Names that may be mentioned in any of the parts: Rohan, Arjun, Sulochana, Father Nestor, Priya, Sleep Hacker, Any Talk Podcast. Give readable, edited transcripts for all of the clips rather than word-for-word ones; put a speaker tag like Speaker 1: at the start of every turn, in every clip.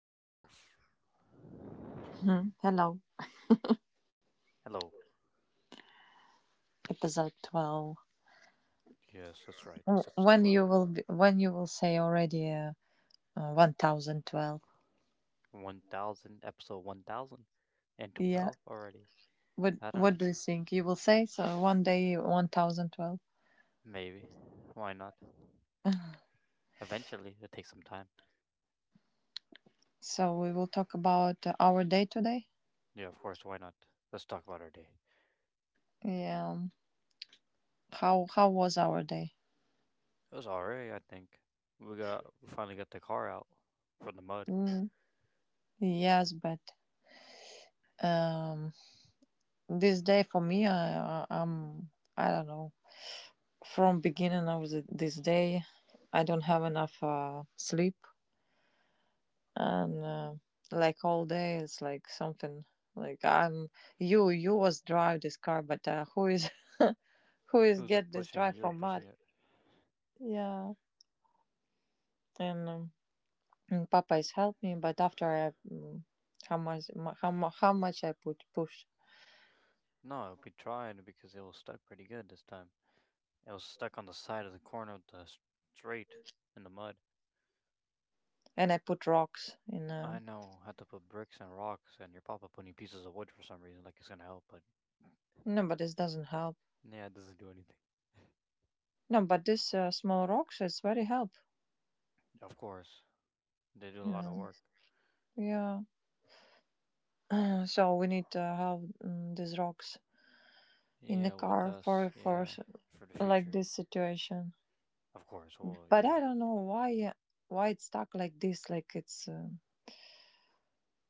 Speaker 1: 12.
Speaker 2: Mhm. Hello,
Speaker 1: Hello.
Speaker 2: episode 12.
Speaker 1: Yes, that's right. It's episode
Speaker 2: When
Speaker 1: 12.
Speaker 2: you will be, when you will say already 1012.
Speaker 1: 1,000, episode
Speaker 2: Yeah.
Speaker 1: 1012 already.
Speaker 2: What
Speaker 1: I don't
Speaker 2: What
Speaker 1: know.
Speaker 2: do you think you will say? So one day 1012.
Speaker 1: Maybe. Why not? Eventually, it takes some time.
Speaker 2: So we will talk about our day today.
Speaker 1: Yeah, of course, why not? Let's talk about our day.
Speaker 2: Yeah. How was our day?
Speaker 1: It was alright, I think. We finally got the car out from the mud.
Speaker 2: Mm. Yes, but um, this day for me, I'm I don't know. From beginning of this day, I don't have enough sleep and like all day it's like something like I'm you was drive this car but who is who is
Speaker 1: Who's up
Speaker 2: get this
Speaker 1: pushing it?
Speaker 2: drive
Speaker 1: You were
Speaker 2: from
Speaker 1: pushing
Speaker 2: mud.
Speaker 1: it.
Speaker 2: Yeah, and, um, and papa is help me but after I how much how much I put push
Speaker 1: No, I'll be trying because it was stuck pretty good this time. It was stuck on the side of the corner of the street in the mud.
Speaker 2: and I put rocks in
Speaker 1: I know how to put bricks and rocks, and your papa putting pieces of wood for some reason, like it's gonna help, but
Speaker 2: no but this doesn't help.
Speaker 1: yeah, it doesn't do anything.
Speaker 2: No but this small rocks it's very help.
Speaker 1: Of course, they do a lot
Speaker 2: Yeah,
Speaker 1: of work.
Speaker 2: yeah. So we need to have these rocks in the
Speaker 1: Yeah, with
Speaker 2: car
Speaker 1: us,
Speaker 2: for
Speaker 1: yeah, for the
Speaker 2: like
Speaker 1: future.
Speaker 2: this situation.
Speaker 1: Of course, well,
Speaker 2: But
Speaker 1: yeah.
Speaker 2: I don't know why it's stuck like this. Like it's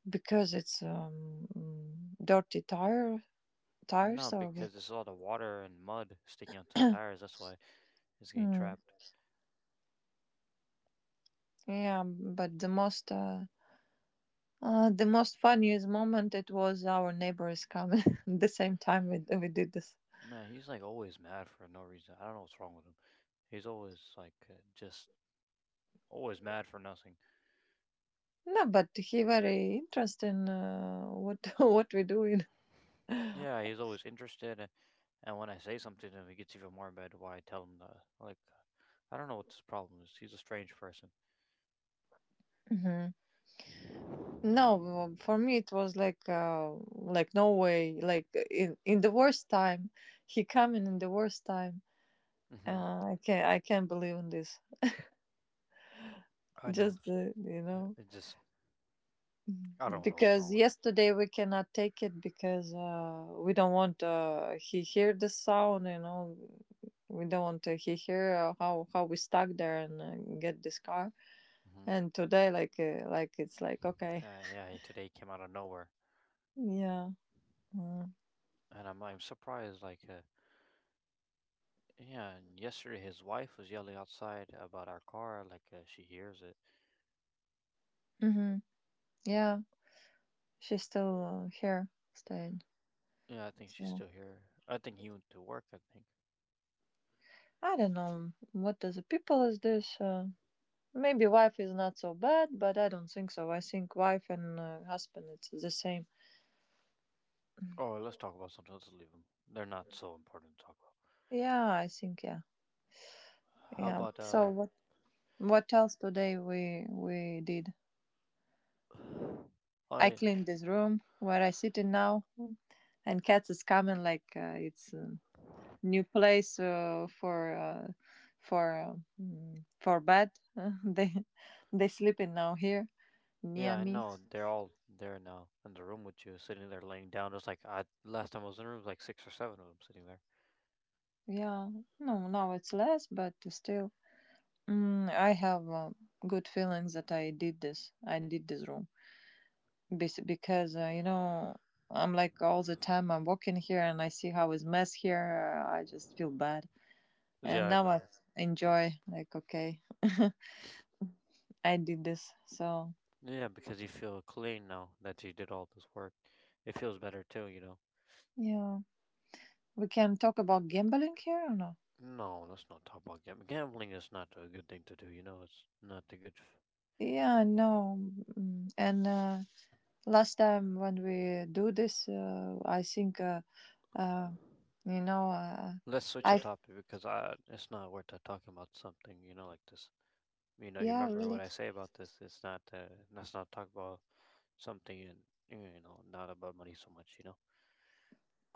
Speaker 2: because it's dirty tire tires
Speaker 1: No,
Speaker 2: or
Speaker 1: because there's a lot of water and mud sticking onto the
Speaker 2: what?
Speaker 1: tires, that's why it's getting
Speaker 2: Mm,
Speaker 1: trapped.
Speaker 2: yeah. But the most funniest moment it was our neighbor is coming the same time we did this.
Speaker 1: Man, he's like always mad for no reason. I don't know what's wrong with him. He's always like just always mad for nothing.
Speaker 2: No, but he very interesting what what we doing.
Speaker 1: Yeah, he's always interested, and when I say something to him, he gets even more mad. Why I tell him that? Like, I don't know what his problem is. He's a strange person.
Speaker 2: Hmm. No, well, for me it was like no way like in the worst time he coming in the worst time.
Speaker 1: Hmm.
Speaker 2: I can't. I can't believe in this.
Speaker 1: I know.
Speaker 2: Just you
Speaker 1: uh,
Speaker 2: know,
Speaker 1: It just, I don't know what's
Speaker 2: because
Speaker 1: wrong with him.
Speaker 2: yesterday we cannot take it because we don't want he hear the sound. You know, we don't want to he hear how we stuck there and get this car.
Speaker 1: Hmm.
Speaker 2: And today, like it's like okay,
Speaker 1: Yeah, he today came out of nowhere,
Speaker 2: yeah, uh,
Speaker 1: and I'm surprised. Yeah, and yesterday his wife was yelling outside about our car. She hears it.
Speaker 2: hmm, yeah. She's still here, staying.
Speaker 1: Yeah, I think she's
Speaker 2: So
Speaker 1: still here. I think he went to work. I think.
Speaker 2: I don't know what does the people is this. Maybe wife is not so bad, but I don't think so. I think wife and husband it's the same.
Speaker 1: Oh, let's talk about something else. Leave him. They're not so important to talk about.
Speaker 2: Yeah, I think yeah,
Speaker 1: How
Speaker 2: yeah.
Speaker 1: about?
Speaker 2: So what else today we did? I
Speaker 1: I.
Speaker 2: cleaned this room where I sit in now, and cats is coming like it's a new place for uh, for bed. they they sleeping now here
Speaker 1: Yeah,
Speaker 2: near
Speaker 1: I
Speaker 2: me.
Speaker 1: know. They're all there now in the room with you, sitting there laying down. It's like I last time I was in the room, it was like six or seven of them sitting there.
Speaker 2: Yeah, no, now it's less, but still I have good feelings that I did this. I did this room. Because you know, I'm like all the time I'm walking here and I see how it's mess here. I just feel bad,
Speaker 1: Yeah,
Speaker 2: and
Speaker 1: I
Speaker 2: now I
Speaker 1: know.
Speaker 2: enjoy. Like okay, I did this. So
Speaker 1: Yeah, because you feel clean now that you did all this work. It feels better too, you know.
Speaker 2: yeah, we can talk about gambling here or no?
Speaker 1: No, let's not talk about gambling. Gambling is not a good thing to do, you know. It's not a good.
Speaker 2: Yeah, no. And last time when we do this, I think uh, you know,
Speaker 1: Let's switch the
Speaker 2: I
Speaker 1: topic because I it's not worth it talking about something, you know, like this. You know, you
Speaker 2: yeah
Speaker 1: remember what
Speaker 2: really.
Speaker 1: I say about this? It's not. Let's not talk about something, and you know, not about money so much, you know.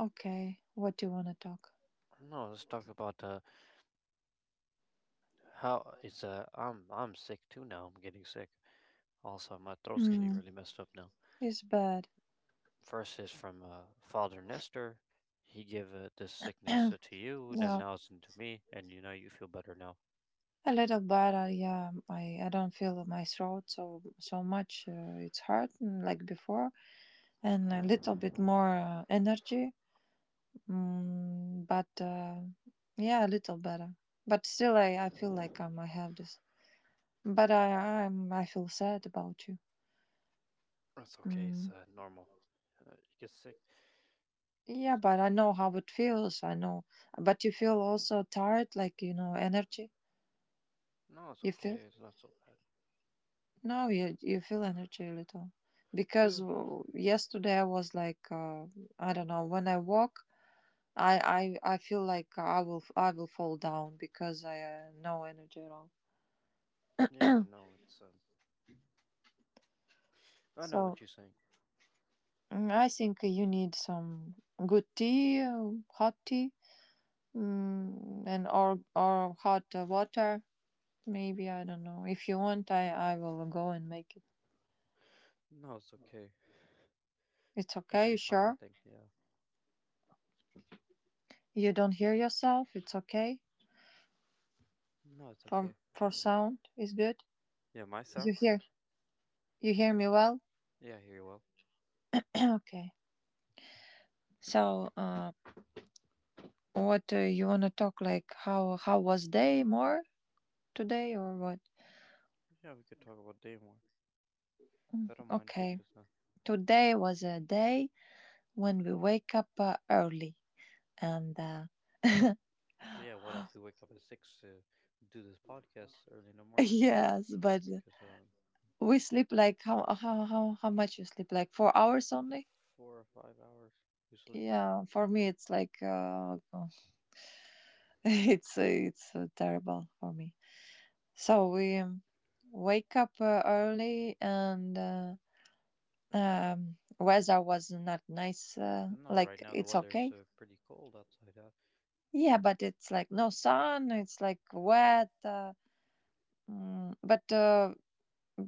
Speaker 2: Okay, what do you want to talk?
Speaker 1: No, let's talk about how it's. I'm sick too now. I'm getting sick. Also, my throat's getting
Speaker 2: Mm,
Speaker 1: really messed up now.
Speaker 2: it's bad.
Speaker 1: First is from Father Nestor. He gave this sickness to you, and then
Speaker 2: Yeah,
Speaker 1: now it's into me, and you know you feel better now.
Speaker 2: a little better. Yeah, I don't feel my throat so so much. It's hard like before, and a little bit more energy. Mm, but yeah, a little better. But still, I feel like I have this. But I feel sad about you.
Speaker 1: It's okay. It's
Speaker 2: Mm.
Speaker 1: normal. You get sick.
Speaker 2: Yeah,
Speaker 1: It's,
Speaker 2: but I know how it feels. I know. But you feel also tired, like you know, energy.
Speaker 1: no, it's
Speaker 2: You feel.
Speaker 1: okay. It's not so bad.
Speaker 2: No, you feel energy a little
Speaker 1: Yeah.
Speaker 2: because yesterday I was like I don't know when I walk I, I feel like I will fall down because I no energy at all.
Speaker 1: Yeah, I know. It's. I know
Speaker 2: So
Speaker 1: what you're saying.
Speaker 2: I think you need some good tea, hot tea, and or hot water. Maybe I don't know. If you want, I will go and make it.
Speaker 1: No, it's okay.
Speaker 2: It's
Speaker 1: It
Speaker 2: okay.
Speaker 1: should be
Speaker 2: You
Speaker 1: fine. I
Speaker 2: sure
Speaker 1: think. Yeah.
Speaker 2: you don't hear yourself? It's okay.
Speaker 1: No, it's okay.
Speaker 2: For sound is good.
Speaker 1: Yeah, myself.
Speaker 2: You hear? You hear me well?
Speaker 1: Yeah, I hear you well.
Speaker 2: Okay. So, what you wanna talk like? How was day more today or what?
Speaker 1: Yeah, we could talk about day more.
Speaker 2: Mm,
Speaker 1: I don't mind
Speaker 2: okay.
Speaker 1: because,
Speaker 2: Today was a day when we wake up early and
Speaker 1: but yeah, what if we wake up at six to do this podcast early in the morning?
Speaker 2: yes, but
Speaker 1: Because
Speaker 2: we sleep like how much you sleep like four
Speaker 1: f-
Speaker 2: hours only?
Speaker 1: 4 or 5 hours we sleep.
Speaker 2: Yeah, for me it's like it's terrible for me. So we wake up early and. Weather was not nice.
Speaker 1: No, right
Speaker 2: Like
Speaker 1: now the
Speaker 2: it's
Speaker 1: weather's
Speaker 2: okay.
Speaker 1: pretty cold outside. It's
Speaker 2: Yeah, but it's like no sun. It's like wet. But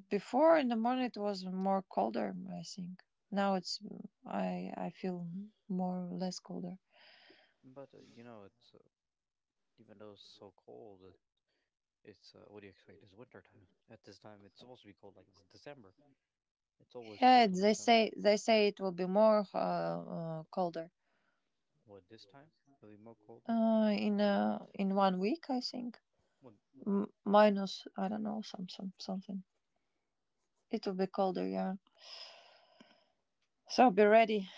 Speaker 2: before in the morning it was more colder. I think now it's I feel more or less colder.
Speaker 1: but you know, it's even though it's so cold, it's what do you expect? It's winter time. At this time, it's supposed to be cold. Like it's December. It's always
Speaker 2: Yeah,
Speaker 1: cold in December.
Speaker 2: they say it will be more colder
Speaker 1: What this time? It'll be more colder.
Speaker 2: in 1 week. I think
Speaker 1: What?
Speaker 2: Minus I don't know some something. It will be colder. Yeah, so be ready.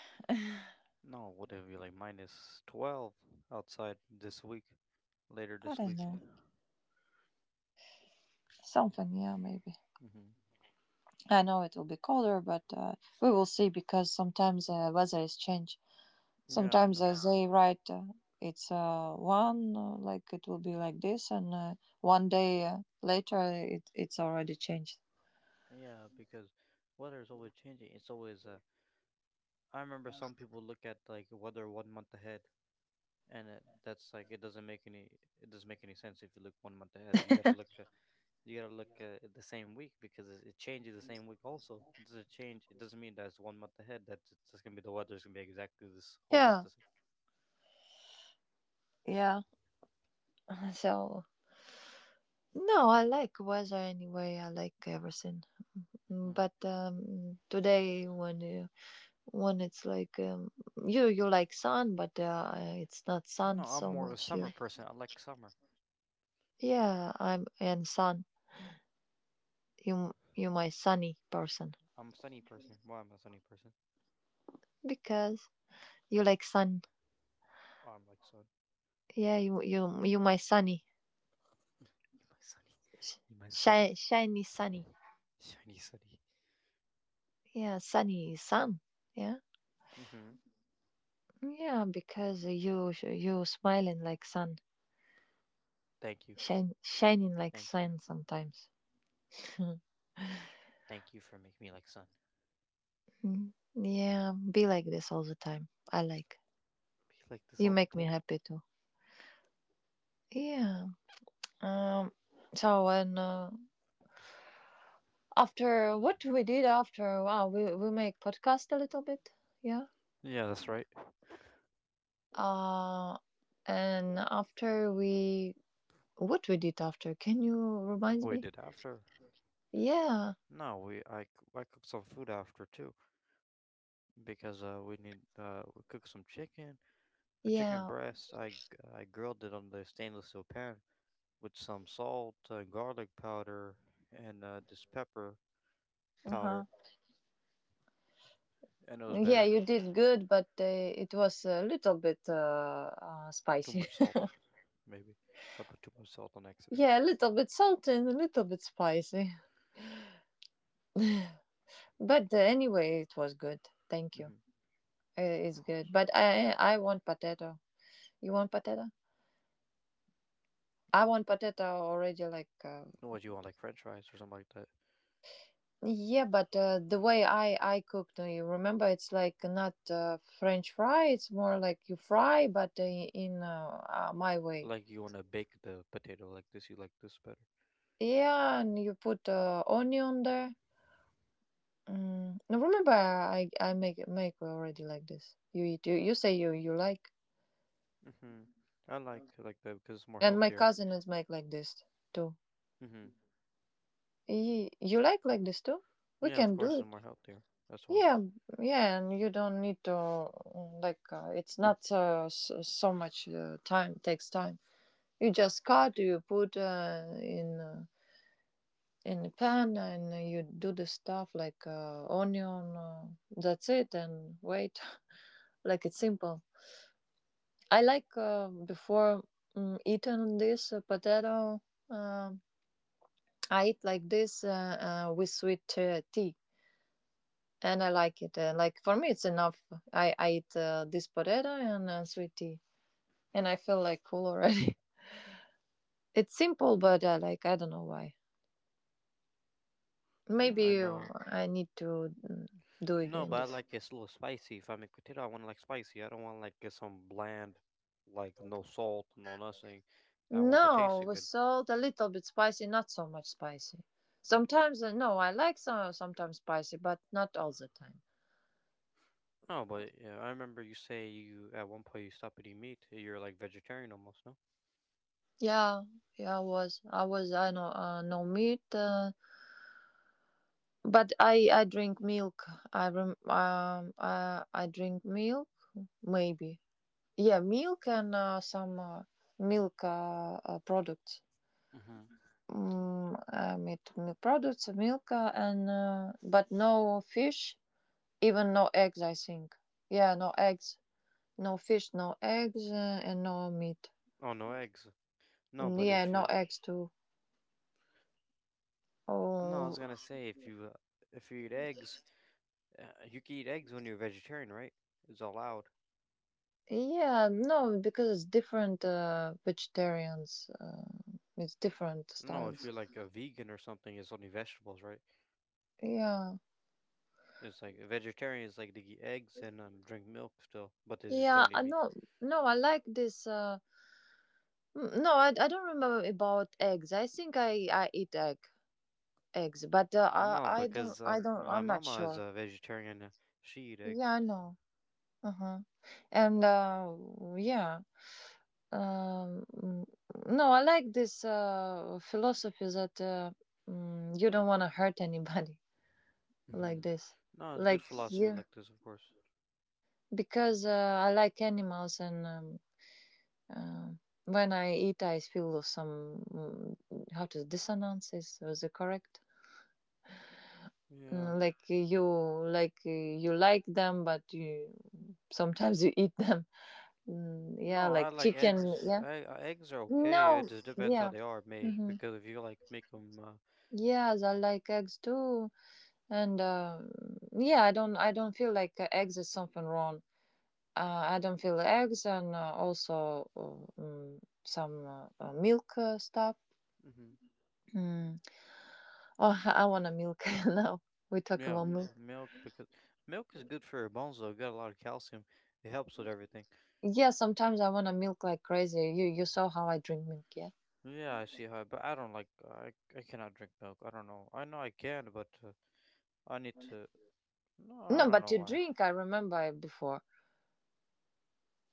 Speaker 1: No, would it be like minus 12 outside this week, later
Speaker 2: I
Speaker 1: this
Speaker 2: don't
Speaker 1: week?
Speaker 2: know. Something, yeah, maybe.
Speaker 1: Hmm.
Speaker 2: I know it will be colder, but we will see because sometimes weather is changed.
Speaker 1: Yeah, I
Speaker 2: Sometimes
Speaker 1: know.
Speaker 2: they write it's like it will be like this, and one day later it's already changed.
Speaker 1: Yeah, because weather is always changing. It's always, I remember some people look at like weather one month ahead, and that's like it doesn't make any sense if you look one month ahead. You gotta look at the same week because it changes the same week also. It doesn't change. It doesn't mean that it's one month ahead. That it's just gonna be the weather's gonna be exactly this whole month
Speaker 2: Yeah,
Speaker 1: the same.
Speaker 2: yeah. So, no, I like weather anyway. I like everything. Mm, but today, when you, when it's like you you like sun, but it's not
Speaker 1: Hmm.
Speaker 2: sun
Speaker 1: No, I'm
Speaker 2: so
Speaker 1: more a
Speaker 2: much
Speaker 1: summer
Speaker 2: here.
Speaker 1: person. I like summer.
Speaker 2: Yeah, I'm and sun. You my sunny person
Speaker 1: I'm a sunny person. Well, I'm a sunny person.
Speaker 2: because you like sun.
Speaker 1: Oh, I'm like sun.
Speaker 2: Yeah, you my sunny,
Speaker 1: You my sunny. You my sunny.
Speaker 2: shiny sunny.
Speaker 1: Shiny sunny.
Speaker 2: Yeah, sunny is sun. Yeah,
Speaker 1: Mm-hmm.
Speaker 2: yeah, because you smiling like sun,
Speaker 1: Thank you.
Speaker 2: shine shining like
Speaker 1: Thank you.
Speaker 2: sun sometimes.
Speaker 1: Thank you for making me like sun.
Speaker 2: Mm, yeah, be like this all the time. I
Speaker 1: Be,
Speaker 2: like
Speaker 1: be like this
Speaker 2: you
Speaker 1: all the
Speaker 2: make me
Speaker 1: time.
Speaker 2: happy too. Yeah. Um. So when After what we did after, wow, we make podcast a little bit, yeah.
Speaker 1: Yeah, that's right.
Speaker 2: Uh, and what we did after, can you
Speaker 1: What
Speaker 2: remind
Speaker 1: we
Speaker 2: me?
Speaker 1: did after?
Speaker 2: Yeah.
Speaker 1: No, we I cooked some food after too because we cooked some chicken, a chicken
Speaker 2: Yeah.
Speaker 1: breast. I grilled it on the stainless steel pan with some salt, garlic powder, and this pepper powder,
Speaker 2: Uh-huh.
Speaker 1: and it was
Speaker 2: Yeah,
Speaker 1: better.
Speaker 2: you did good, but it was a little bit
Speaker 1: Too
Speaker 2: spicy.
Speaker 1: much salt, maybe. I put too much salt on accident.
Speaker 2: Yeah, a little bit salty and a little bit spicy. But anyway, it was good. Thank you.
Speaker 1: Hmm. Of
Speaker 2: It's
Speaker 1: course.
Speaker 2: good. But I want potato. You want potato? I want potato already. Like
Speaker 1: No, what do you want, like French fries or something like that?
Speaker 2: yeah, but the way I cooked, you remember, it's like not French fry. It's more like you fry, but in my way.
Speaker 1: Like you want to bake the potato like this? You like this better?
Speaker 2: Yeah, and you put onion there. Mm, no, remember, I make already like this. You eat. You say you like,
Speaker 1: Hmm. I like that because it's more
Speaker 2: and my
Speaker 1: healthier.
Speaker 2: cousin is make like this too.
Speaker 1: Hmm.
Speaker 2: You like this too? We
Speaker 1: Yeah, of
Speaker 2: can
Speaker 1: course
Speaker 2: do it.
Speaker 1: it's more healthier. That's why.
Speaker 2: Yeah, yeah, and you don't need to like. It's not so, so much time. Takes time. You just cut. You put in a pan, and you do the stuff like onion. That's it, and wait. Like it's simple. I like before eating this potato. um I eat like this with sweet tea, and I like it. Like for me, it's enough. I eat this potato and sweet tea, and I feel like cool already. It's simple, but I like I don't know why.
Speaker 1: Yeah, I
Speaker 2: Maybe
Speaker 1: know.
Speaker 2: I need to do
Speaker 1: No, but
Speaker 2: again
Speaker 1: I
Speaker 2: this.
Speaker 1: like it's a little spicy. If I make potato, I want like spicy. I don't want like get some bland, like no salt, no nothing. I want that
Speaker 2: No,
Speaker 1: tasting
Speaker 2: with
Speaker 1: good.
Speaker 2: salt, a little bit spicy, not so much spicy. Sometimes no, I like some sometimes spicy, but not all the time.
Speaker 1: No, but yeah, I remember you say you at one point you stopped eating meat. You're like vegetarian almost, no?
Speaker 2: Yeah, yeah, I was. I was. I know. No meat, but I. I drink milk. I rem. I. I drink milk. Maybe. Yeah, milk and some milk products.
Speaker 1: Mm-hmm.
Speaker 2: Mm, I meat milk products, milk and but no fish, even no eggs. I think. Yeah, no eggs, no fish, no eggs, and no meat.
Speaker 1: Oh, no eggs. No,
Speaker 2: And
Speaker 1: but
Speaker 2: yeah,
Speaker 1: if
Speaker 2: no
Speaker 1: you
Speaker 2: eggs too.
Speaker 1: no, I was
Speaker 2: Oh,
Speaker 1: gonna say if you eat eggs, uh, you can eat eggs when you're vegetarian, right? It's allowed.
Speaker 2: yeah, no, because it's different vegetarians. It's different
Speaker 1: No, if
Speaker 2: styles.
Speaker 1: you're like a vegan or something, it's only vegetables, right?
Speaker 2: Yeah,
Speaker 1: It's like vegetarians like to eat eggs and drink milk still, but they just
Speaker 2: yeah.
Speaker 1: don't eat
Speaker 2: I
Speaker 1: meat.
Speaker 2: know. No, I like this. No, I don't remember about eggs. I think I eat egg eggs, but
Speaker 1: No, because
Speaker 2: I don't
Speaker 1: my
Speaker 2: I'm not
Speaker 1: mama is
Speaker 2: sure.
Speaker 1: a vegetarian. Uh, she eat
Speaker 2: Yeah,
Speaker 1: eggs.
Speaker 2: I know. Uh huh. And yeah. Um, mm, no, I like this philosophy that you don't want to hurt anybody. Like
Speaker 1: Hmm.
Speaker 2: this,
Speaker 1: No, it's
Speaker 2: like
Speaker 1: good philosophy
Speaker 2: you,
Speaker 1: like this, of course.
Speaker 2: because I like animals and uh, when I eat I feel some how to dissonance is was it correct.
Speaker 1: Yeah.
Speaker 2: Mm, like you like you like them but you sometimes you eat them. Mm, yeah,
Speaker 1: No, I
Speaker 2: like
Speaker 1: like
Speaker 2: chicken,
Speaker 1: eggs.
Speaker 2: yeah.
Speaker 1: Eggs are
Speaker 2: No,
Speaker 1: okay. It just depends how
Speaker 2: yeah,
Speaker 1: they are made.
Speaker 2: hmm,
Speaker 1: Because if you like make them,
Speaker 2: yes I like eggs too and yeah I don't feel like eggs is something wrong. I don't feel eggs and some milk stuff.
Speaker 1: hmm
Speaker 2: Mm. Oh, I want a milk now. We talk
Speaker 1: yeah,
Speaker 2: about milk.
Speaker 1: milk. Because milk is good for your bones. Though, it got a lot of calcium. It helps with everything.
Speaker 2: Yeah, sometimes I want to milk like crazy. You saw how I drink milk, yeah?
Speaker 1: Yeah, I see how. But I don't like. I cannot drink milk. I don't know. I know I can, but I need to. No, I
Speaker 2: No,
Speaker 1: don't
Speaker 2: but
Speaker 1: know
Speaker 2: you
Speaker 1: why.
Speaker 2: drink. I remember it before.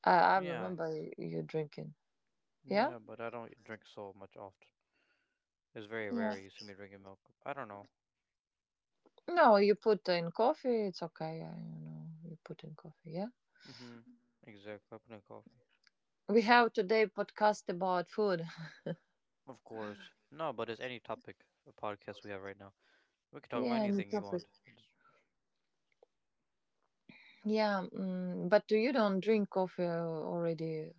Speaker 2: I
Speaker 1: Yeah,
Speaker 2: remember you drinking. Yeah,
Speaker 1: yeah, but I don't drink so much often. It's very
Speaker 2: yeah.
Speaker 1: rare you see me drinking milk. I don't know.
Speaker 2: No, you put in coffee. It's okay. I you put in coffee. Yeah.
Speaker 1: Mm-hmm. Exactly. I put in coffee.
Speaker 2: We have today podcast about food.
Speaker 1: Of course. No, but it's any topic of podcast we have right now. We can talk about
Speaker 2: Yeah, new
Speaker 1: anything you
Speaker 2: topic.
Speaker 1: want. It's,
Speaker 2: Yeah, but do you don't drink coffee already?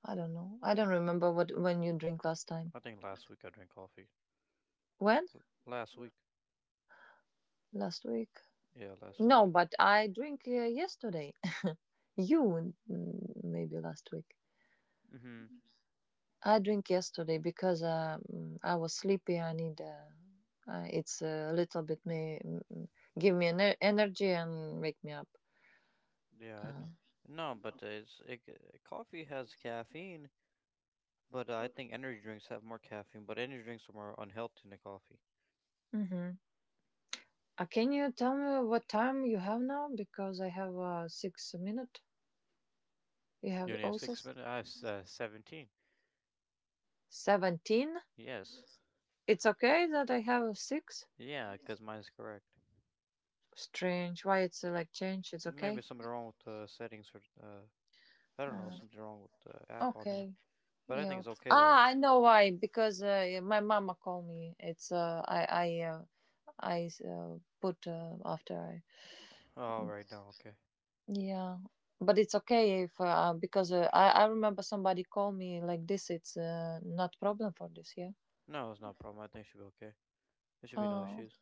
Speaker 2: I don't know. I don't remember what when you drink last time.
Speaker 1: I think last week I drank coffee.
Speaker 2: When?
Speaker 1: Last week.
Speaker 2: Last week?
Speaker 1: Yeah, last week.
Speaker 2: No, but I drink yesterday. You maybe last week.
Speaker 1: I, mm-hmm.
Speaker 2: I drink yesterday because I was sleepy. I need it's a little bit me give me energy and wake me up.
Speaker 1: Yeah, I
Speaker 2: Uh,
Speaker 1: know. No, but coffee has caffeine, but I think energy drinks have more caffeine, but energy drinks are more unhealthy than coffee.
Speaker 2: mm-hmm. Can you tell me what time you have now? Because I have six minute. You
Speaker 1: You
Speaker 2: have
Speaker 1: only have
Speaker 2: also.
Speaker 1: 6 minutes. I have 17.
Speaker 2: 17.
Speaker 1: Yes.
Speaker 2: It's okay that I have a 6?
Speaker 1: Yeah, because mine's correct.
Speaker 2: Strange. Why it's like change? It's
Speaker 1: Maybe
Speaker 2: okay?
Speaker 1: something wrong with the settings or I don't know,
Speaker 2: Uh,
Speaker 1: something wrong with the app on here.
Speaker 2: okay.
Speaker 1: But I think
Speaker 2: Yeah.
Speaker 1: it's okay though.
Speaker 2: Ah, I know why. Because yeah, my mama called me. It's I put after I.
Speaker 1: Oh, right now, okay.
Speaker 2: Yeah, but it's okay if because I remember somebody called me like this. It's not problem for this. Yeah.
Speaker 1: No, it's not a problem. I think it should be okay. There should be no
Speaker 2: Oh.
Speaker 1: issues.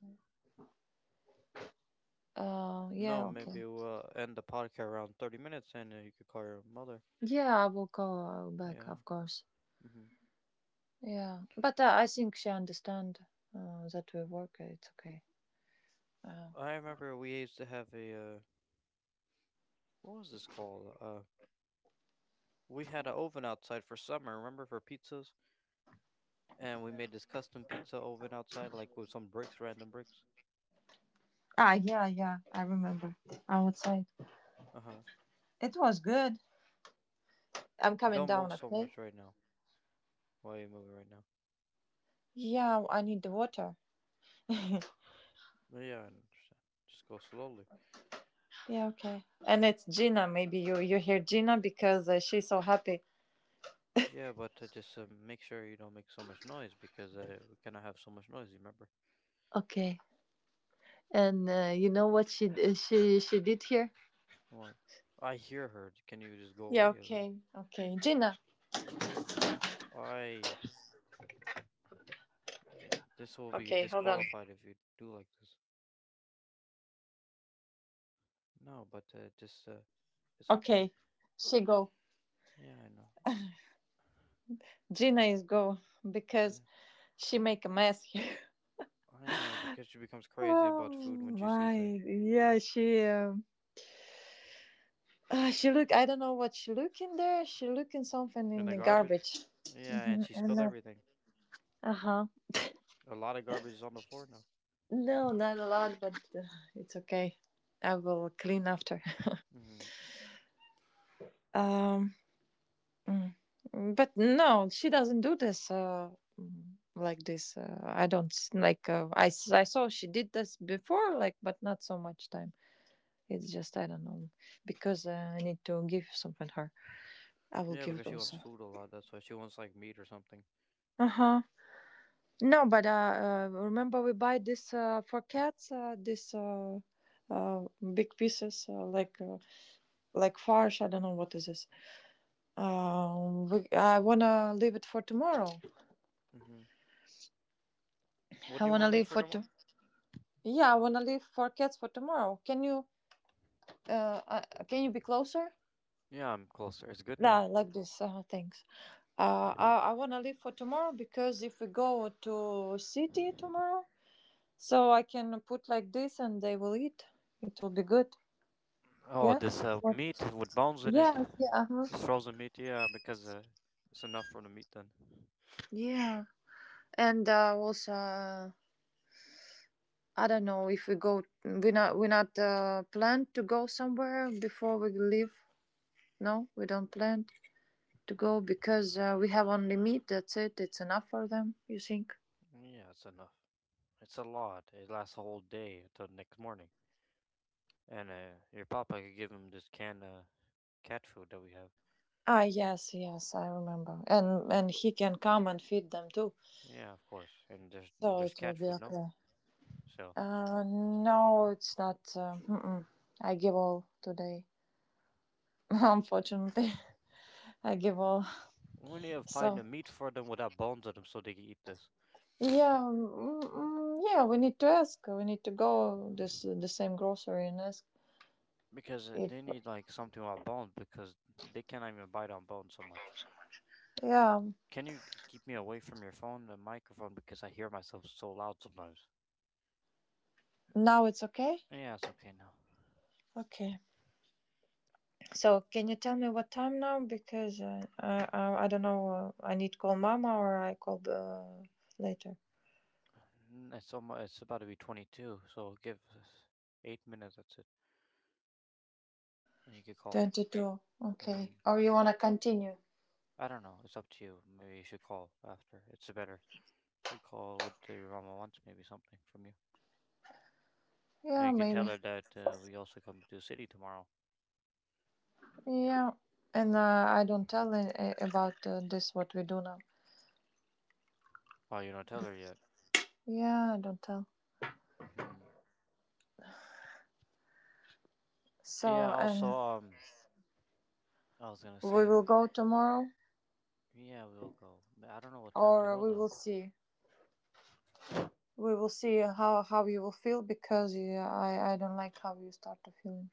Speaker 1: No,
Speaker 2: Yeah. Okay.
Speaker 1: maybe we'll end the podcast around 30 minutes and you could call your mother.
Speaker 2: Yeah, I will call back,
Speaker 1: Yeah.
Speaker 2: of course.
Speaker 1: Hmm.
Speaker 2: Yeah, but I think she understand that we work. It's okay. Uh,
Speaker 1: I remember we used to have what was this called? We had an oven outside for summer, remember, for pizzas? And we made this custom pizza oven outside, like with some bricks, random bricks.
Speaker 2: ah, yeah, yeah, I remember. Outside.
Speaker 1: Uh huh.
Speaker 2: It was good. I'm coming
Speaker 1: Don't
Speaker 2: down,
Speaker 1: move so
Speaker 2: okay?
Speaker 1: much right now. Why are you moving right now?
Speaker 2: Yeah, I need the water.
Speaker 1: But yeah, I understand. Just go slowly.
Speaker 2: Yeah, okay. And it's Gina. Maybe you hear Gina because she's so happy.
Speaker 1: Yeah, but just make sure you don't make so much noise because we cannot have so much noise. You remember
Speaker 2: Okay. And you know what she d- she did here?
Speaker 1: what? I hear her. Can you just go
Speaker 2: Yeah,
Speaker 1: away a little?
Speaker 2: okay, okay. Gina.
Speaker 1: I. eh, This will be
Speaker 2: Okay, hold on.
Speaker 1: disqualified if you do like this. No, but just it's okay.
Speaker 2: Okay, she go.
Speaker 1: Yeah, I know.
Speaker 2: Gina is go
Speaker 1: Yeah,
Speaker 2: because she make a mess.
Speaker 1: I know because she becomes crazy
Speaker 2: Oh
Speaker 1: about food when she
Speaker 2: my,
Speaker 1: sees it
Speaker 2: yeah, she look. I don't know what she look in there. She look in something
Speaker 1: in
Speaker 2: in
Speaker 1: the
Speaker 2: the
Speaker 1: garbage.
Speaker 2: garbage.
Speaker 1: Yeah, and
Speaker 2: Hmm.
Speaker 1: she spilled
Speaker 2: And
Speaker 1: everything.
Speaker 2: uh huh.
Speaker 1: A lot of garbage is on the floor now.
Speaker 2: No, not a lot, but it's okay. I will clean after.
Speaker 1: Hmm.
Speaker 2: Um, mm. But no, she doesn't do this. Mm, like this. I don't s- like. I s- I saw she did this before, like, but not so much time. It's just I don't know because I need to give something her. I will
Speaker 1: Yeah,
Speaker 2: give it
Speaker 1: because she wants
Speaker 2: also.
Speaker 1: food a lot. That's why she wants like meat or something.
Speaker 2: Uh-huh. No, but remember we buy this for cats this uh big pieces like farce, I don't know what is this. I want to leave it for tomorrow.
Speaker 1: Hmm. What
Speaker 2: I
Speaker 1: do you
Speaker 2: want to
Speaker 1: want to leave
Speaker 2: leave
Speaker 1: for
Speaker 2: for to
Speaker 1: tomorrow?
Speaker 2: Yeah, I want to leave for cats for tomorrow. Can you be closer?
Speaker 1: Yeah, I'm closer. It's good
Speaker 2: Yeah,
Speaker 1: now.
Speaker 2: like this. Thanks. Uh,
Speaker 1: Yeah.
Speaker 2: I I want to leave for tomorrow because if we go to city tomorrow, so I can put like this and they will eat. It will be good.
Speaker 1: Oh,
Speaker 2: Yeah.
Speaker 1: this
Speaker 2: What?
Speaker 1: meat with bones in it.
Speaker 2: Yes. Yeah. Uh huh.
Speaker 1: This frozen meat, yeah, because it's enough for the meat then.
Speaker 2: Yeah, and also I don't know if we go. We not plan to go somewhere before we leave. No, we don't plan to go because we have only meat. That's it. It's enough for them. You think?
Speaker 1: Yeah, it's enough. It's a lot. It lasts a whole day until the next morning. And your papa could give him this canned cat food that we have.
Speaker 2: Ah. Yes. Yes. I remember. And he can come and feed them too.
Speaker 1: Yeah, of course. And there's
Speaker 2: So
Speaker 1: there's
Speaker 2: it will
Speaker 1: cat
Speaker 2: be
Speaker 1: food, no?
Speaker 2: okay.
Speaker 1: So
Speaker 2: No, it's not. Mm-mm. I give all today. Unfortunately, I give all.
Speaker 1: we need to find
Speaker 2: So.
Speaker 1: a meat for them without bones in them so they can eat this.
Speaker 2: Yeah, yeah. We need to ask. We need to go this the same grocery and ask
Speaker 1: Because
Speaker 2: if.
Speaker 1: they need like something without bones because they cannot even bite on bones so much.
Speaker 2: Yeah,
Speaker 1: Can you keep me away from your phone, the microphone, because I hear myself so loud sometimes?
Speaker 2: now it's okay.
Speaker 1: Yeah, it's okay now.
Speaker 2: Okay. So can you tell me what time now? Because I don't know. I need to call mama or I call later.
Speaker 1: It's almost, it's about to be 22, so give us 8 minutes. That's it, and you could call.
Speaker 2: 22.
Speaker 1: hmm
Speaker 2: Okay. Or you wanna continue?
Speaker 1: I don't know. It's up to you. Maybe you should call after. It's better to call what your mama wants. Maybe something from you, and
Speaker 2: Yeah,
Speaker 1: you could tell
Speaker 2: maybe.
Speaker 1: her that we also come to the city tomorrow.
Speaker 2: Yeah. And I don't tell about this what we do now.
Speaker 1: Oh, you don't tell her yet.
Speaker 2: Yeah, I don't tell.
Speaker 1: hmm Yeah.
Speaker 2: So
Speaker 1: Also,
Speaker 2: and
Speaker 1: um, I was gonna
Speaker 2: we
Speaker 1: say,
Speaker 2: will go tomorrow.
Speaker 1: yeah, we'll go. But I don't know what time to
Speaker 2: Or
Speaker 1: go
Speaker 2: we will
Speaker 1: though.
Speaker 2: see. We will see how you will feel because you, I don't like how you start to feeling.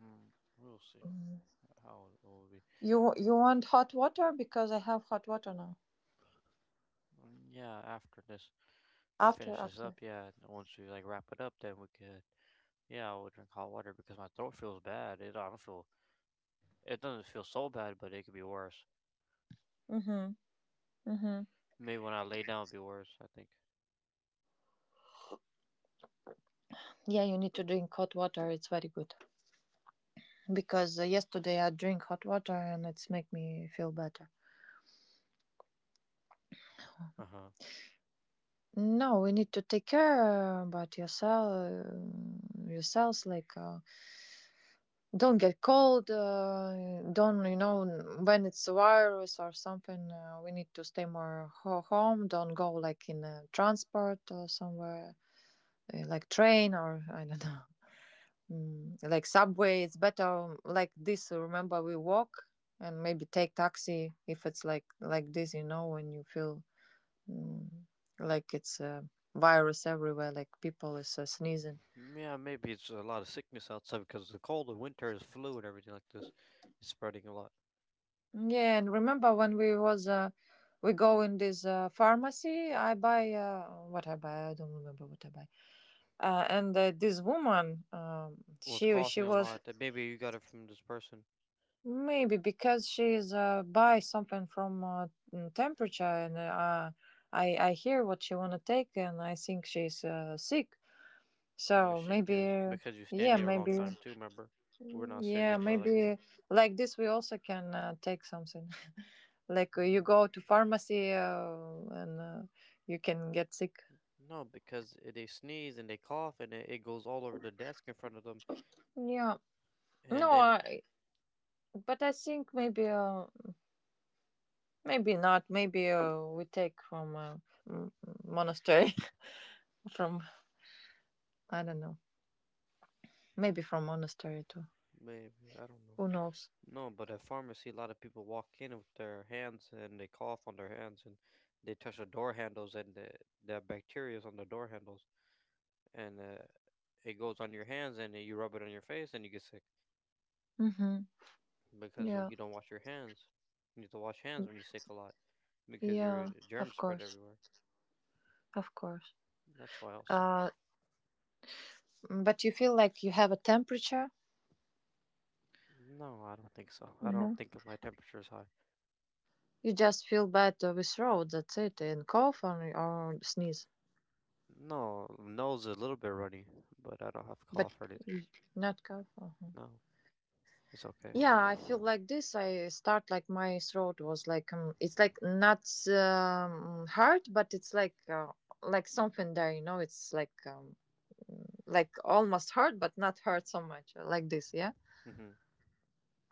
Speaker 1: hmm We'll see. How old we?
Speaker 2: You want hot water because I have hot water now.
Speaker 1: Mm, yeah, after this we
Speaker 2: After
Speaker 1: finish this
Speaker 2: okay.
Speaker 1: up, yeah, and once we like wrap it up, then we could. Yeah, I would drink hot water because my throat feels bad. It I don't feel. It doesn't feel so bad, but it could be worse.
Speaker 2: Mhm. Mhm.
Speaker 1: Maybe when I lay down, it'd be worse, I think.
Speaker 2: Yeah, you need to drink hot water. It's very good because yesterday I drink hot water and it's make me feel better.
Speaker 1: Uh huh.
Speaker 2: No, we need to take care about yourself, yourselves like. Don't get cold, don't, you know, when it's a virus or something, we need to stay more home. Don't go like in transport or somewhere, like train or I don't know, like subway. It's better like this. Remember, we walk and maybe take taxi if it's like this, you know, when you feel mm, like it's a virus everywhere, like people is sneezing.
Speaker 1: Yeah, maybe it's a lot of sickness outside because the cold, the winter is flu and everything like this. It's spreading a lot.
Speaker 2: Yeah, and remember when we was we go in this pharmacy, I buy what I buy, I don't remember what I buy. And this woman,
Speaker 1: Was
Speaker 2: she
Speaker 1: coughing a
Speaker 2: was
Speaker 1: lot. That maybe you got it from this person.
Speaker 2: maybe because she's buy something from temperature, and I hear what she wanna take, and I think she's sick.
Speaker 1: Maybe
Speaker 2: So
Speaker 1: she give
Speaker 2: maybe
Speaker 1: because you stand
Speaker 2: yeah,
Speaker 1: there a long
Speaker 2: maybe
Speaker 1: time too. Remember, we're not sitting
Speaker 2: yeah,
Speaker 1: there for like a
Speaker 2: maybe
Speaker 1: little
Speaker 2: like this we also can take something. Like
Speaker 1: bit.
Speaker 2: you
Speaker 1: Mm.
Speaker 2: go to pharmacy and you can get sick.
Speaker 1: No, because they sneeze and they cough and it goes all over the desk in front of them.
Speaker 2: Yeah.
Speaker 1: And
Speaker 2: No,
Speaker 1: then
Speaker 2: I, but I think maybe maybe not. Maybe we take from m- monastery from I don't know. Maybe from monastery too.
Speaker 1: maybe, I don't know.
Speaker 2: Who knows?
Speaker 1: No, but at pharmacy, a lot of people walk in with their hands and they cough on their hands and they touch the door handles and the bacteria is on the door handles. And it goes on your hands and then you rub it on your face and you get sick
Speaker 2: Mhm.
Speaker 1: because
Speaker 2: Yeah.
Speaker 1: you don't wash your hands. You need to wash hands when you're sick a lot because your
Speaker 2: Yeah, of
Speaker 1: germs spread
Speaker 2: course.
Speaker 1: everywhere.
Speaker 2: Of course.
Speaker 1: That's why also.
Speaker 2: Uh but you feel like you have a temperature?
Speaker 1: No, I don't think so. I don't
Speaker 2: No.
Speaker 1: think my temperature is high.
Speaker 2: You just feel bad with throat, that's it, and cough or sneeze.
Speaker 1: No, nose a little bit runny, but I don't have
Speaker 2: But
Speaker 1: cough or anything.
Speaker 2: y- not cough. Or...
Speaker 1: No, it's okay.
Speaker 2: Yeah, I feel like this. I start like my throat was like it's like not hurt, but it's like something there, you know. It's like almost hurt, but not hurt so much, like this. Yeah.
Speaker 1: hmm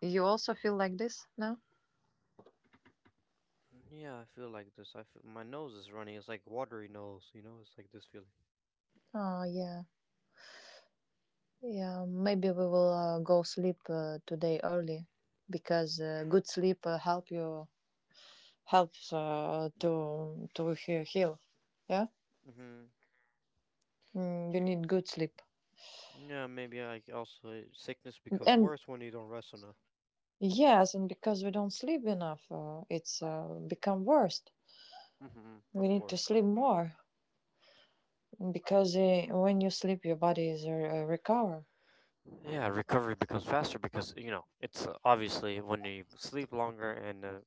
Speaker 2: You also feel like this now?
Speaker 1: Yeah, I feel like this. I feel my nose is running. It's like watery nose, you know? It's like this feeling.
Speaker 2: Oh yeah, yeah. Maybe we will go sleep today early, because good sleep helps to heal. Yeah,
Speaker 1: hmm
Speaker 2: you need good sleep
Speaker 1: Yeah, maybe I also sickness becomes
Speaker 2: and
Speaker 1: worse when you don't rest enough.
Speaker 2: yes, and because we don't sleep enough, it's become worse. We
Speaker 1: Of
Speaker 2: need to
Speaker 1: course.
Speaker 2: sleep more because when you sleep, your body is recover.
Speaker 1: Yeah, recovery becomes faster because you know it's obviously when you sleep longer and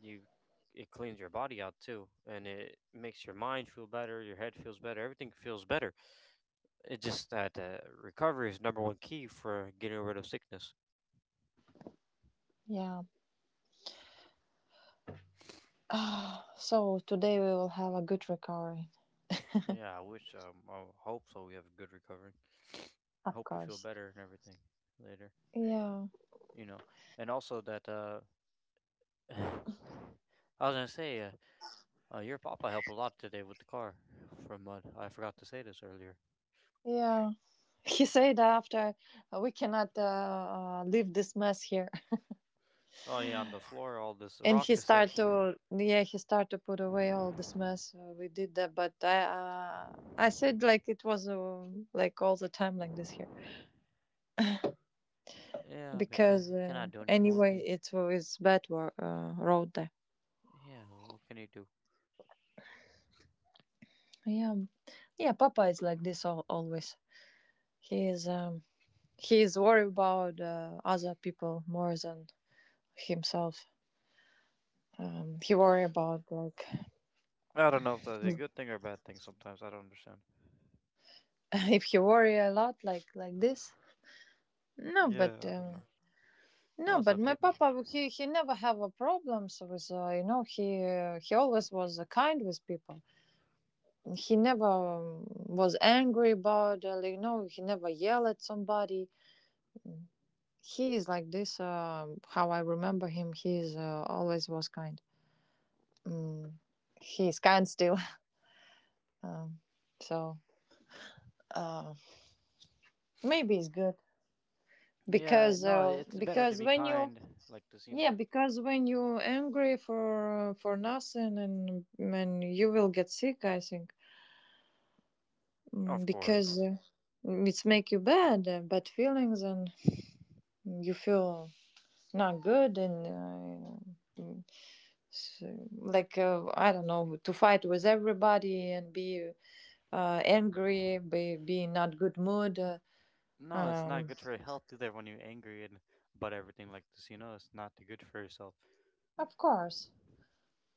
Speaker 1: you it cleans your body out too, and it makes your mind feel better, your head feels better, everything feels better. It's just that recovery is number one key for getting rid of sickness.
Speaker 2: Yeah. Ah, so today we will have a good recovery,
Speaker 1: Yeah, I wish. I hope so. We have a good recovery.
Speaker 2: of
Speaker 1: Hope you feel
Speaker 2: course.
Speaker 1: better and everything later.
Speaker 2: Yeah.
Speaker 1: You know, and also that I was gonna say, your papa helped a lot today with the car. From what I forgot to say this earlier.
Speaker 2: Yeah. He said after we cannot leave this mess here,
Speaker 1: Oh yeah, on the floor, all this
Speaker 2: and he
Speaker 1: rocks and
Speaker 2: start
Speaker 1: stuff.
Speaker 2: to yeah he start to put away all this mess. We did that, but I said like it was like all the time like this here.
Speaker 1: Yeah, because
Speaker 2: Because
Speaker 1: he cannot do anything. What can
Speaker 2: anyway
Speaker 1: he?
Speaker 2: it was bad road there,
Speaker 1: Yeah, what can he do?
Speaker 2: yeah. Yeah, papa is like this all, always. He is he is worried about other people more than himself. He worry about like,
Speaker 1: I don't know if that's a good thing or a bad thing. Sometimes I don't understand.
Speaker 2: if he worry a lot like this. no but
Speaker 1: Yeah, I don't
Speaker 2: um
Speaker 1: know. No,
Speaker 2: no,
Speaker 1: it's
Speaker 2: but my
Speaker 1: okay, maybe.
Speaker 2: papa, he, never have a problems with, you know, he always was kind with people. He never was angry about, like, you know, he never yell at somebody. He is like this. How I remember him, he is always was kind. Mm, he is kind still. Um, so uh, Maybe it's good
Speaker 1: Yeah, no, it's better to
Speaker 2: because
Speaker 1: be
Speaker 2: when you
Speaker 1: kind, like this, you
Speaker 2: yeah
Speaker 1: know.
Speaker 2: because when you angry for nothing and you will get sick. I think
Speaker 1: Of
Speaker 2: because
Speaker 1: course.
Speaker 2: it's make you bad bad feelings and you feel not good and. Uh, So, like I don't know, to fight with everybody and be angry, be in not good mood.
Speaker 1: No, it's
Speaker 2: Um,
Speaker 1: not good for your health either when you're angry and about everything like this. You know, it's not good for yourself.
Speaker 2: of course,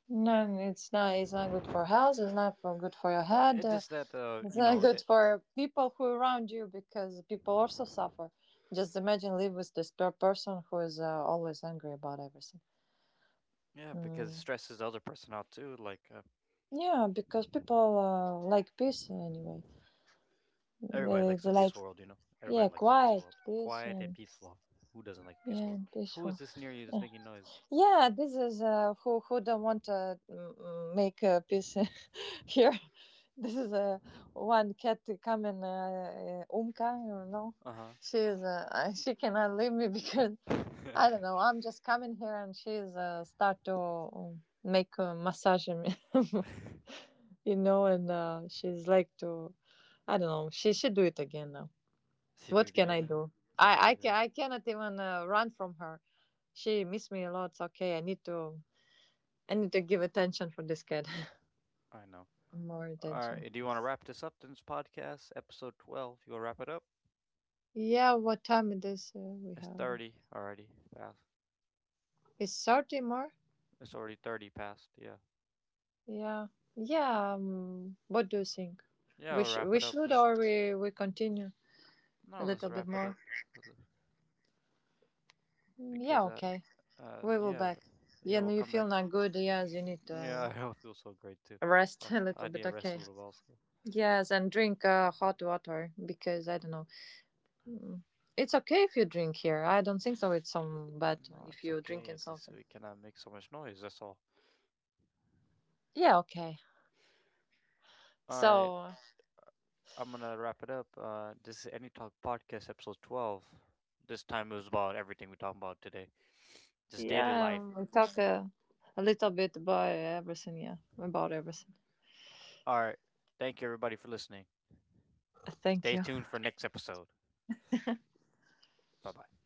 Speaker 2: no, it's not. It's not good for health. It's not for good for your head.
Speaker 1: It's just that,
Speaker 2: It's not good for people who around you because people also suffer. Just imagine live with this person who is always angry about everything.
Speaker 1: yeah, because it
Speaker 2: Mm.
Speaker 1: stresses the other person out too.
Speaker 2: Yeah, because people like peace anyway.
Speaker 1: Everybody likes a
Speaker 2: They Like
Speaker 1: peaceful world, you know?
Speaker 2: yeah,
Speaker 1: Everybody likes a peaceful
Speaker 2: quiet,
Speaker 1: world.
Speaker 2: peace,
Speaker 1: Quiet and
Speaker 2: and
Speaker 1: peaceful. Who doesn't like a
Speaker 2: yeah,
Speaker 1: peaceful world?
Speaker 2: and
Speaker 1: Who
Speaker 2: peaceful.
Speaker 1: is this near you that's making noise?
Speaker 2: Yeah, this is who don't want to make peace here. This is one cat to come and umka, you know.
Speaker 1: Uh huh.
Speaker 2: She is she cannot leave me because I don't know. I'm just coming here and she's start to make a massage me, you know, and she's like to I don't know. She should do it again now.
Speaker 1: You do
Speaker 2: What
Speaker 1: it
Speaker 2: can
Speaker 1: again
Speaker 2: I
Speaker 1: now?
Speaker 2: do?
Speaker 1: You can't do anything.
Speaker 2: I cannot even run from her. She miss me a lot. Okay, I need to. I need to give attention for this cat.
Speaker 1: I know.
Speaker 2: More
Speaker 1: All
Speaker 2: attention.
Speaker 1: right. Do you want to wrap this up? Then it's podcast episode 12. You want to wrap it up?
Speaker 2: Yeah, what time it is we
Speaker 1: It's
Speaker 2: have?
Speaker 1: 30 already. Past.
Speaker 2: It's 30 more?
Speaker 1: It's already 30 past. Yeah.
Speaker 2: Yeah. Yeah, what do you think?
Speaker 1: Yeah, we'll wrap
Speaker 2: We
Speaker 1: it up.
Speaker 2: should
Speaker 1: Or
Speaker 2: or we continue a
Speaker 1: no, let's
Speaker 2: little bit
Speaker 1: wrap it up
Speaker 2: more? Mm, yeah,
Speaker 1: because uh,
Speaker 2: okay.
Speaker 1: uh,
Speaker 2: We will
Speaker 1: yeah,
Speaker 2: back.
Speaker 1: yeah,
Speaker 2: Yeah,
Speaker 1: we'll
Speaker 2: no, you
Speaker 1: come
Speaker 2: feel
Speaker 1: back.
Speaker 2: not good. Yes, you need
Speaker 1: Yeah,
Speaker 2: to
Speaker 1: I don't feel so great too.
Speaker 2: rest a
Speaker 1: Also,
Speaker 2: little
Speaker 1: I need
Speaker 2: bit.
Speaker 1: to rest a
Speaker 2: Okay.
Speaker 1: little bit also.
Speaker 2: Yes, and drink hot water because I don't know. Mm, it's okay if you drink here. I don't think so. It's some
Speaker 1: Oh
Speaker 2: bad
Speaker 1: no,
Speaker 2: if
Speaker 1: it's
Speaker 2: you drinking
Speaker 1: okay. This
Speaker 2: something.
Speaker 1: we cannot make so much noise. That's all.
Speaker 2: Yeah, okay.
Speaker 1: All right.
Speaker 2: So
Speaker 1: I'm gonna wrap it up. This is Any Talk Podcast episode 12. This time it was about everything we talked about today, just daily
Speaker 2: yeah,
Speaker 1: life.
Speaker 2: a little bit about everything. Yeah, about everything.
Speaker 1: All right. Thank you, everybody, for listening.
Speaker 2: Thank
Speaker 1: Stay
Speaker 2: you.
Speaker 1: tuned for next episode. Bye bye.